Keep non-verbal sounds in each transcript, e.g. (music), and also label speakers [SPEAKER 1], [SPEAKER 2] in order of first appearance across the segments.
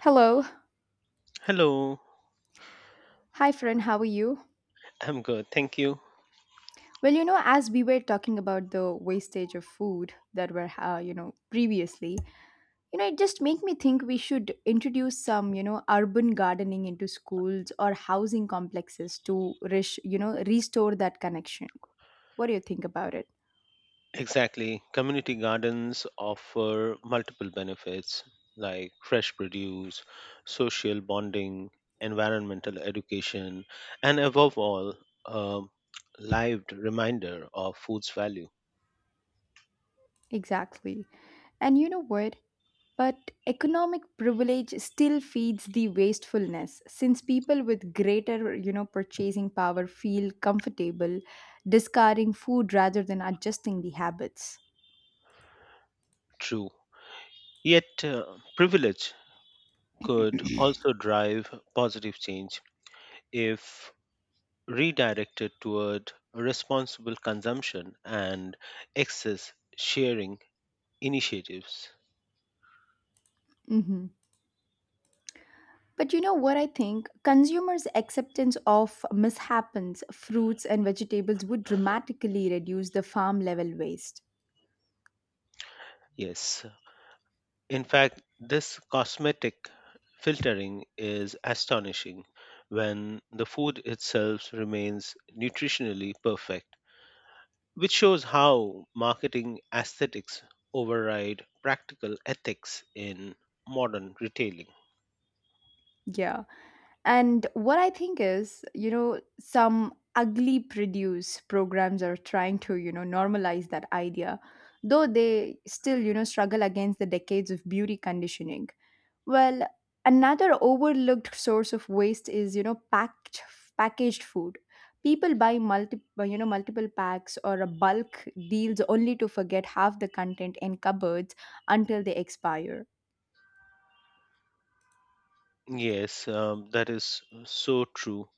[SPEAKER 1] Hello.
[SPEAKER 2] Hello,
[SPEAKER 1] Hi, friend. How are you?
[SPEAKER 2] I'm good. Thank you.
[SPEAKER 1] Well, as we were talking about the wastage of food that were, previously, it just make me think we should introduce some, urban gardening into schools or housing complexes to, restore that connection. What do you think about it?
[SPEAKER 2] Exactly. Community gardens offer multiple benefits like fresh produce, social bonding, environmental education, and above all, a lived reminder of food's value.
[SPEAKER 1] Exactly. And you know what? But economic privilege still feeds the wastefulness since people with greater, purchasing power feel comfortable discarding food rather than adjusting the habits.
[SPEAKER 2] True. Yet, privilege could
[SPEAKER 1] (clears throat)
[SPEAKER 2] also drive positive change if redirected toward responsible consumption and excess sharing initiatives.
[SPEAKER 1] Hmm. But you know what I think? Consumers' acceptance of mishaps, fruits and vegetables would dramatically reduce the farm level waste.
[SPEAKER 2] Yes. In fact, this cosmetic filtering is astonishing when the food itself remains nutritionally perfect, which shows how marketing aesthetics override practical ethics in modern retailing.
[SPEAKER 1] Yeah. And what I think is, some ugly produce programs are trying to, normalize that idea, though they still, struggle against the decades of beauty conditioning. Well, another overlooked source of waste is, packed packaged food. People buy multiple, multiple packs or a bulk deals only to forget half the content in cupboards until they expire.
[SPEAKER 2] Yes, that is so true.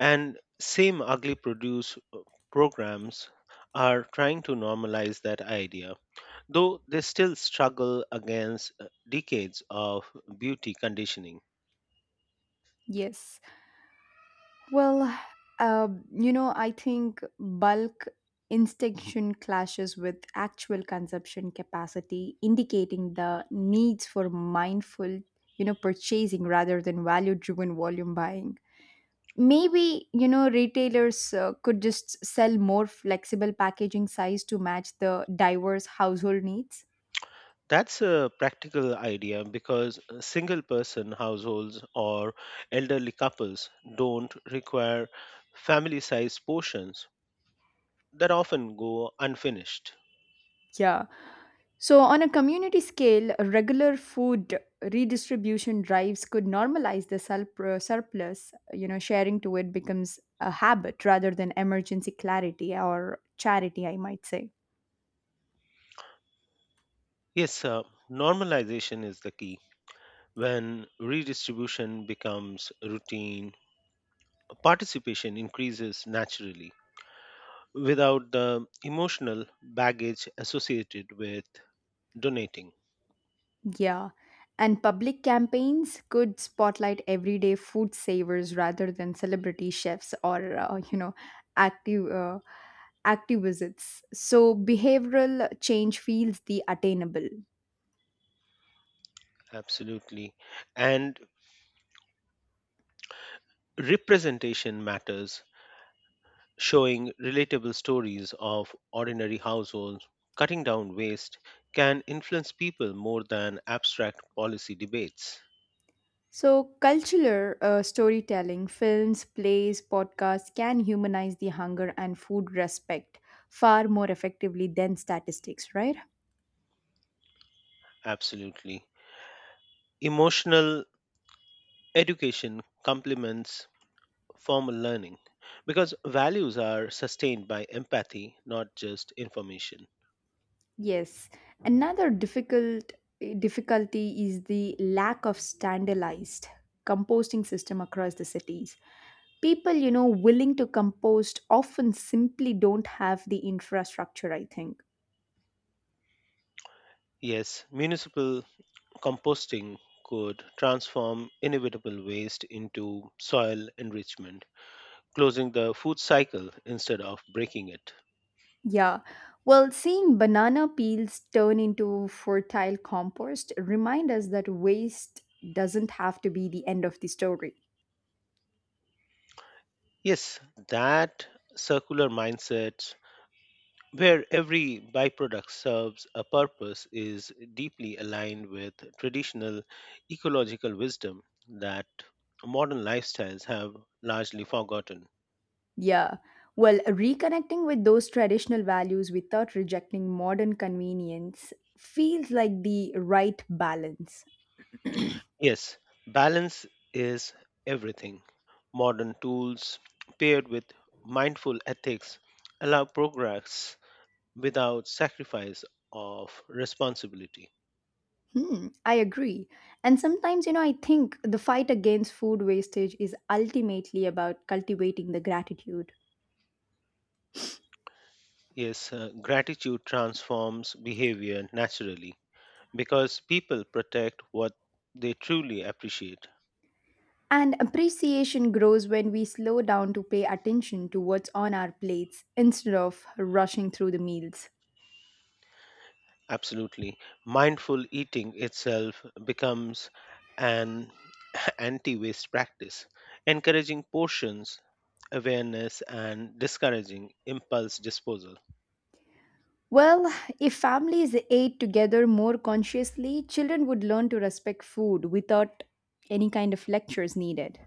[SPEAKER 2] And same ugly produce programs are trying to normalize that idea though they still struggle against decades of beauty conditioning.
[SPEAKER 1] Yes. Well, I think bulk instinction clashes with actual consumption capacity, indicating the needs for mindful, purchasing rather than value driven volume buying. Maybe, retailers could just sell more flexible packaging size to match the diverse household needs.
[SPEAKER 2] That's a practical idea because single person households or elderly couples don't require family sized portions that often go unfinished.
[SPEAKER 1] Yeah. So, on a community scale, regular food redistribution drives could normalize the surplus. You know, sharing to it becomes a habit rather than emergency clarity or charity, I might say.
[SPEAKER 2] Yes, normalization is the key. When redistribution becomes routine, participation increases naturally without the emotional baggage associated with donating.
[SPEAKER 1] Yeah. And public campaigns could spotlight everyday food savers rather than celebrity chefs or, you know, active. Activists so behavioral change feels the attainable.
[SPEAKER 2] Absolutely, and representation matters, showing relatable stories of ordinary households cutting down waste can influence people more than abstract policy debates.
[SPEAKER 1] So, cultural storytelling, films, plays, podcasts can humanize the hunger and food respect far more effectively than statistics, right?
[SPEAKER 2] Absolutely. Emotional education complements formal learning because values are sustained by empathy, not just information.
[SPEAKER 1] Yes. Another difficulty is the lack of standardized composting system across the cities. People, willing to compost often simply don't have the infrastructure, I think.
[SPEAKER 2] Yes, municipal composting could transform inevitable waste into soil enrichment, closing the food cycle instead of breaking it.
[SPEAKER 1] Yeah. Well, seeing banana peels turn into fertile compost remind us that waste doesn't have to be the end of the story.
[SPEAKER 2] Yes, that circular mindset where every byproduct serves a purpose is deeply aligned with traditional ecological wisdom that modern lifestyles have largely forgotten.
[SPEAKER 1] Yeah. Well, reconnecting with those traditional values without rejecting modern convenience feels like the right balance. (clears throat)
[SPEAKER 2] Yes, balance is everything. Modern tools paired with mindful ethics allow progress without sacrifice of responsibility.
[SPEAKER 1] Hmm, I agree. And sometimes, I think the fight against food wastage is ultimately about cultivating the gratitude.
[SPEAKER 2] Yes, gratitude transforms behavior naturally because people protect what they truly appreciate.
[SPEAKER 1] And appreciation grows when we slow down to pay attention to what's on our plates instead of rushing through the meals.
[SPEAKER 2] Absolutely. Mindful eating itself becomes an (clears throat) (laughs) anti waste practice, encouraging portions awareness and discouraging impulse disposal.
[SPEAKER 1] Well, if families ate together more consciously, children would learn to respect food without any kind of lectures needed.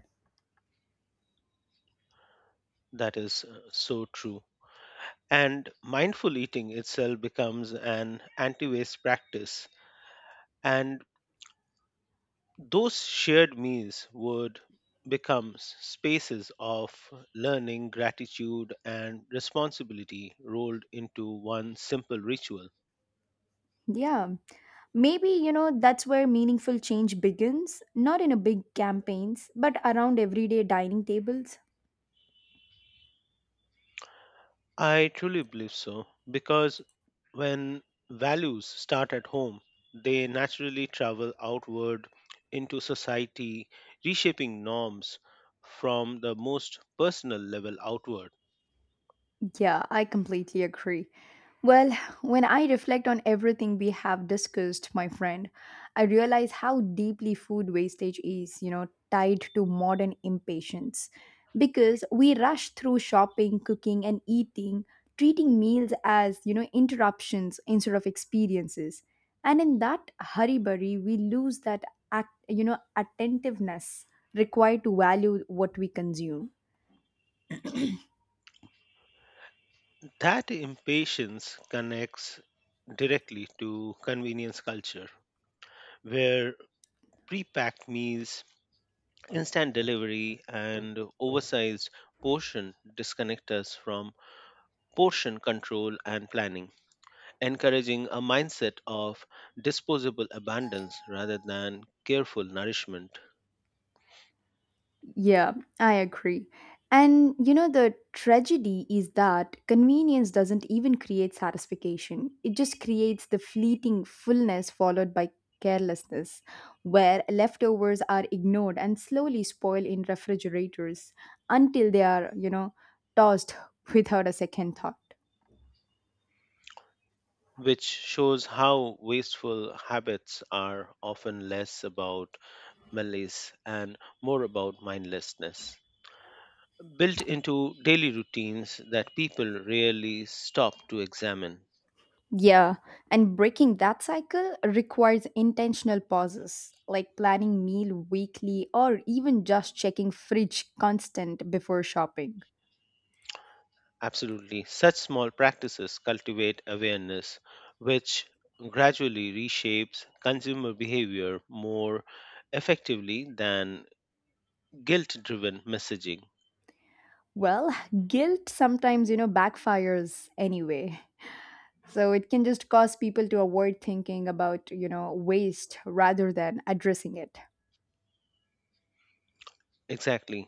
[SPEAKER 2] That is so true. And mindful eating itself becomes an anti waste practice. And those shared meals would become spaces of learning, gratitude, and responsibility rolled into one simple ritual.
[SPEAKER 1] Yeah, maybe, that's where meaningful change begins, not in a big campaigns, but around everyday dining tables.
[SPEAKER 2] I truly believe so because when values start at home, they naturally travel outward into society, reshaping norms from the most personal level outward.
[SPEAKER 1] Yeah, I completely agree. Well, when I reflect on everything we have discussed, my friend, I realize how deeply food wastage is, tied to modern impatience. Because we rush through shopping, cooking, and eating, treating meals as, interruptions instead of experiences. And in that hurry burry, we lose that, attentiveness required to value what we consume.
[SPEAKER 2] That impatience connects directly to convenience culture, where pre-packed meals, instant delivery, and oversized portion disconnect us from portion control and planning, encouraging a mindset of disposable abundance rather than careful nourishment,
[SPEAKER 1] Yeah, I agree. And you know, the tragedy is that convenience doesn't even create satisfaction. It just creates the fleeting fullness followed by carelessness, where leftovers are ignored and slowly spoil in refrigerators until they are, tossed (laughs) without a second thought.
[SPEAKER 2] which shows how wasteful habits are often less about malice and more about mindlessness, built into daily routines that people rarely stop to examine.
[SPEAKER 1] Yeah, and breaking that cycle requires intentional pauses, like planning meal weekly or even just checking fridge constant before shopping.
[SPEAKER 2] Absolutely, such small practices cultivate awareness, which gradually reshapes consumer behavior more effectively than guilt driven messaging.
[SPEAKER 1] Well, (laughs) guilt sometimes, backfires anyway. So it can just cause people to avoid thinking about, waste rather than addressing it.
[SPEAKER 2] Exactly.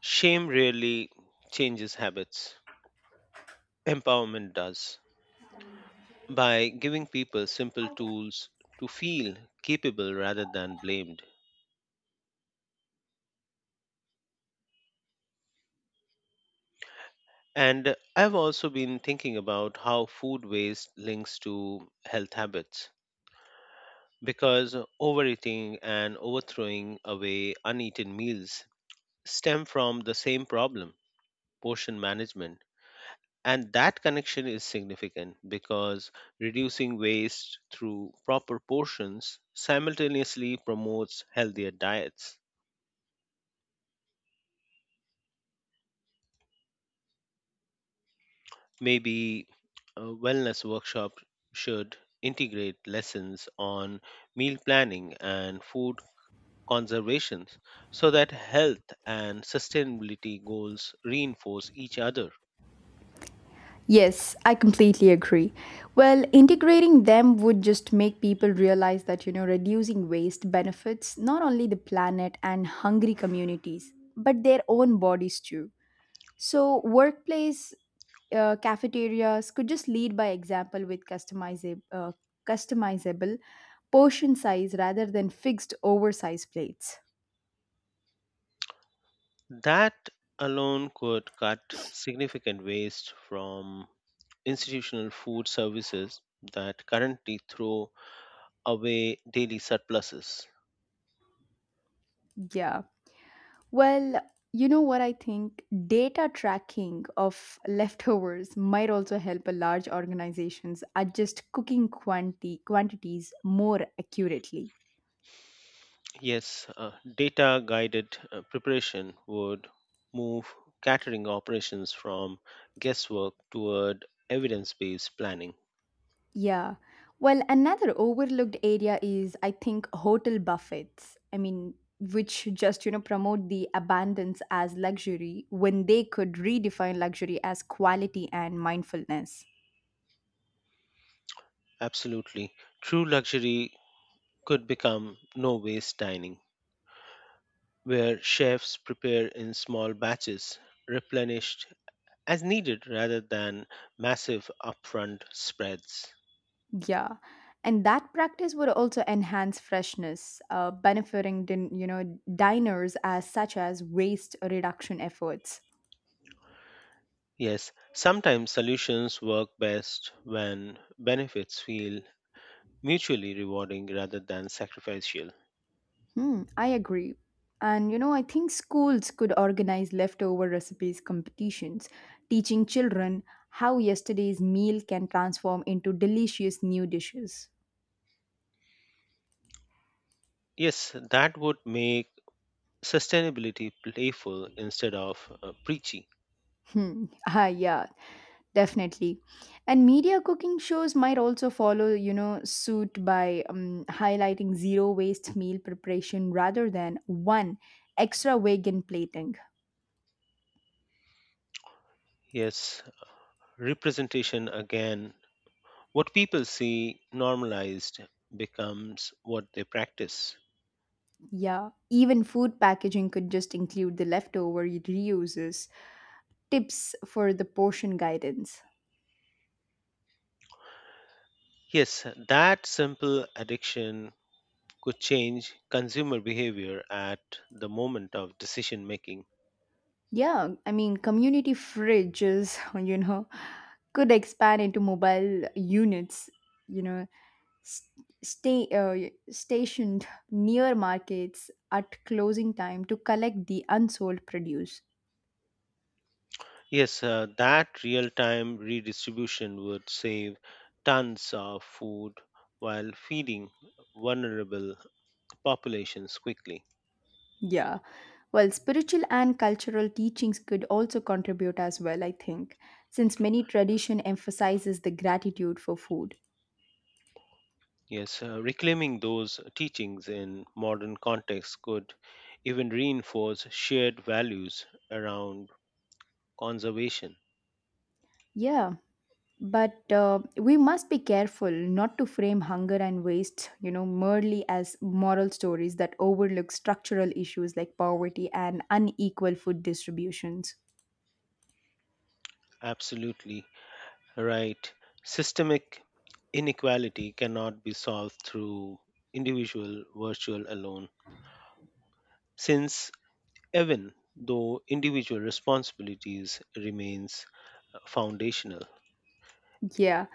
[SPEAKER 2] Shame rarely changes habits. Empowerment does, by giving people simple tools to feel capable rather than blamed. And I've also been thinking about how food waste links to health habits because overeating and overthrowing away uneaten meals stem from the same problem, portion management. And that connection is significant because reducing waste through proper portions simultaneously promotes healthier diets. Maybe a wellness workshop should integrate lessons on meal planning and food conservation so that health and sustainability goals reinforce each other.
[SPEAKER 1] Yes, I completely agree. Well, integrating them would just make people realize that, reducing waste benefits not only the planet and hungry communities, but their own bodies too. So, workplace cafeterias could just lead by example with customizable portion size rather than fixed oversized plates.
[SPEAKER 2] That alone could cut significant waste from institutional food services that currently throw away daily surpluses.
[SPEAKER 1] Yeah. Well, you know what I think? Data tracking of leftovers might also help a large organizations adjust cooking quantities more accurately.
[SPEAKER 2] Yes, data guided preparation would move catering operations from guesswork toward evidence based planning.
[SPEAKER 1] Yeah. Well, another overlooked area is I think hotel buffets. I mean, which just, promote the abundance as luxury when they could redefine luxury as quality and mindfulness.
[SPEAKER 2] Absolutely. True luxury could become no waste dining, where chefs prepare in small batches, replenished as needed rather than massive upfront spreads.
[SPEAKER 1] Yeah, and that practice would also enhance freshness, benefiting diners as such as waste reduction efforts.
[SPEAKER 2] Yes, sometimes solutions work best when benefits feel mutually rewarding rather than sacrificial.
[SPEAKER 1] Hmm, I agree. And you know, I think schools could organize leftover recipes competitions, teaching children how yesterday's meal can transform into delicious new dishes.
[SPEAKER 2] Yes, that would make sustainability playful instead of preachy.
[SPEAKER 1] Hmm. (laughs) Ah, yeah. Definitely. And media cooking shows might also follow, suit by highlighting zero waste meal preparation rather than one extra vegan plating.
[SPEAKER 2] Yes, representation again. What people see normalized becomes what they practice.
[SPEAKER 1] Yeah. Even food packaging could just include the leftover reuses, tips for the portion guidance.
[SPEAKER 2] Yes, that simple addiction could change consumer behavior at the moment of decision making.
[SPEAKER 1] Yeah. I mean, community fridges, (laughs) you know, could expand into mobile units, you know, s- stay stationed near markets at closing time to collect the unsold produce.
[SPEAKER 2] Yes, that real time redistribution would save tons of food while feeding vulnerable populations quickly.
[SPEAKER 1] Yeah, well, spiritual and cultural teachings could also contribute as well, I think, since many tradition emphasizes the gratitude for food.
[SPEAKER 2] Yes, reclaiming those teachings in modern context could even reinforce shared values around conservation.
[SPEAKER 1] Yeah, but we must be careful not to frame hunger and waste, merely as moral stories that overlook structural issues like poverty and unequal food distributions.
[SPEAKER 2] Absolutely. Right. Systemic inequality cannot be solved through individual virtual alone, since even though individual responsibilities remains foundational.
[SPEAKER 1] Yeah.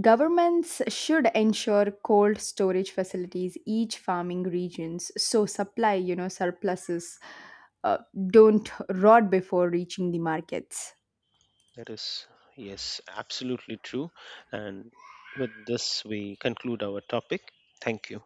[SPEAKER 1] Governments should ensure cold storage facilities each farming regions so supply, surpluses uh, don't rot before reaching the markets.
[SPEAKER 2] That is, yes, absolutely true. And with this, we conclude our topic. Thank you.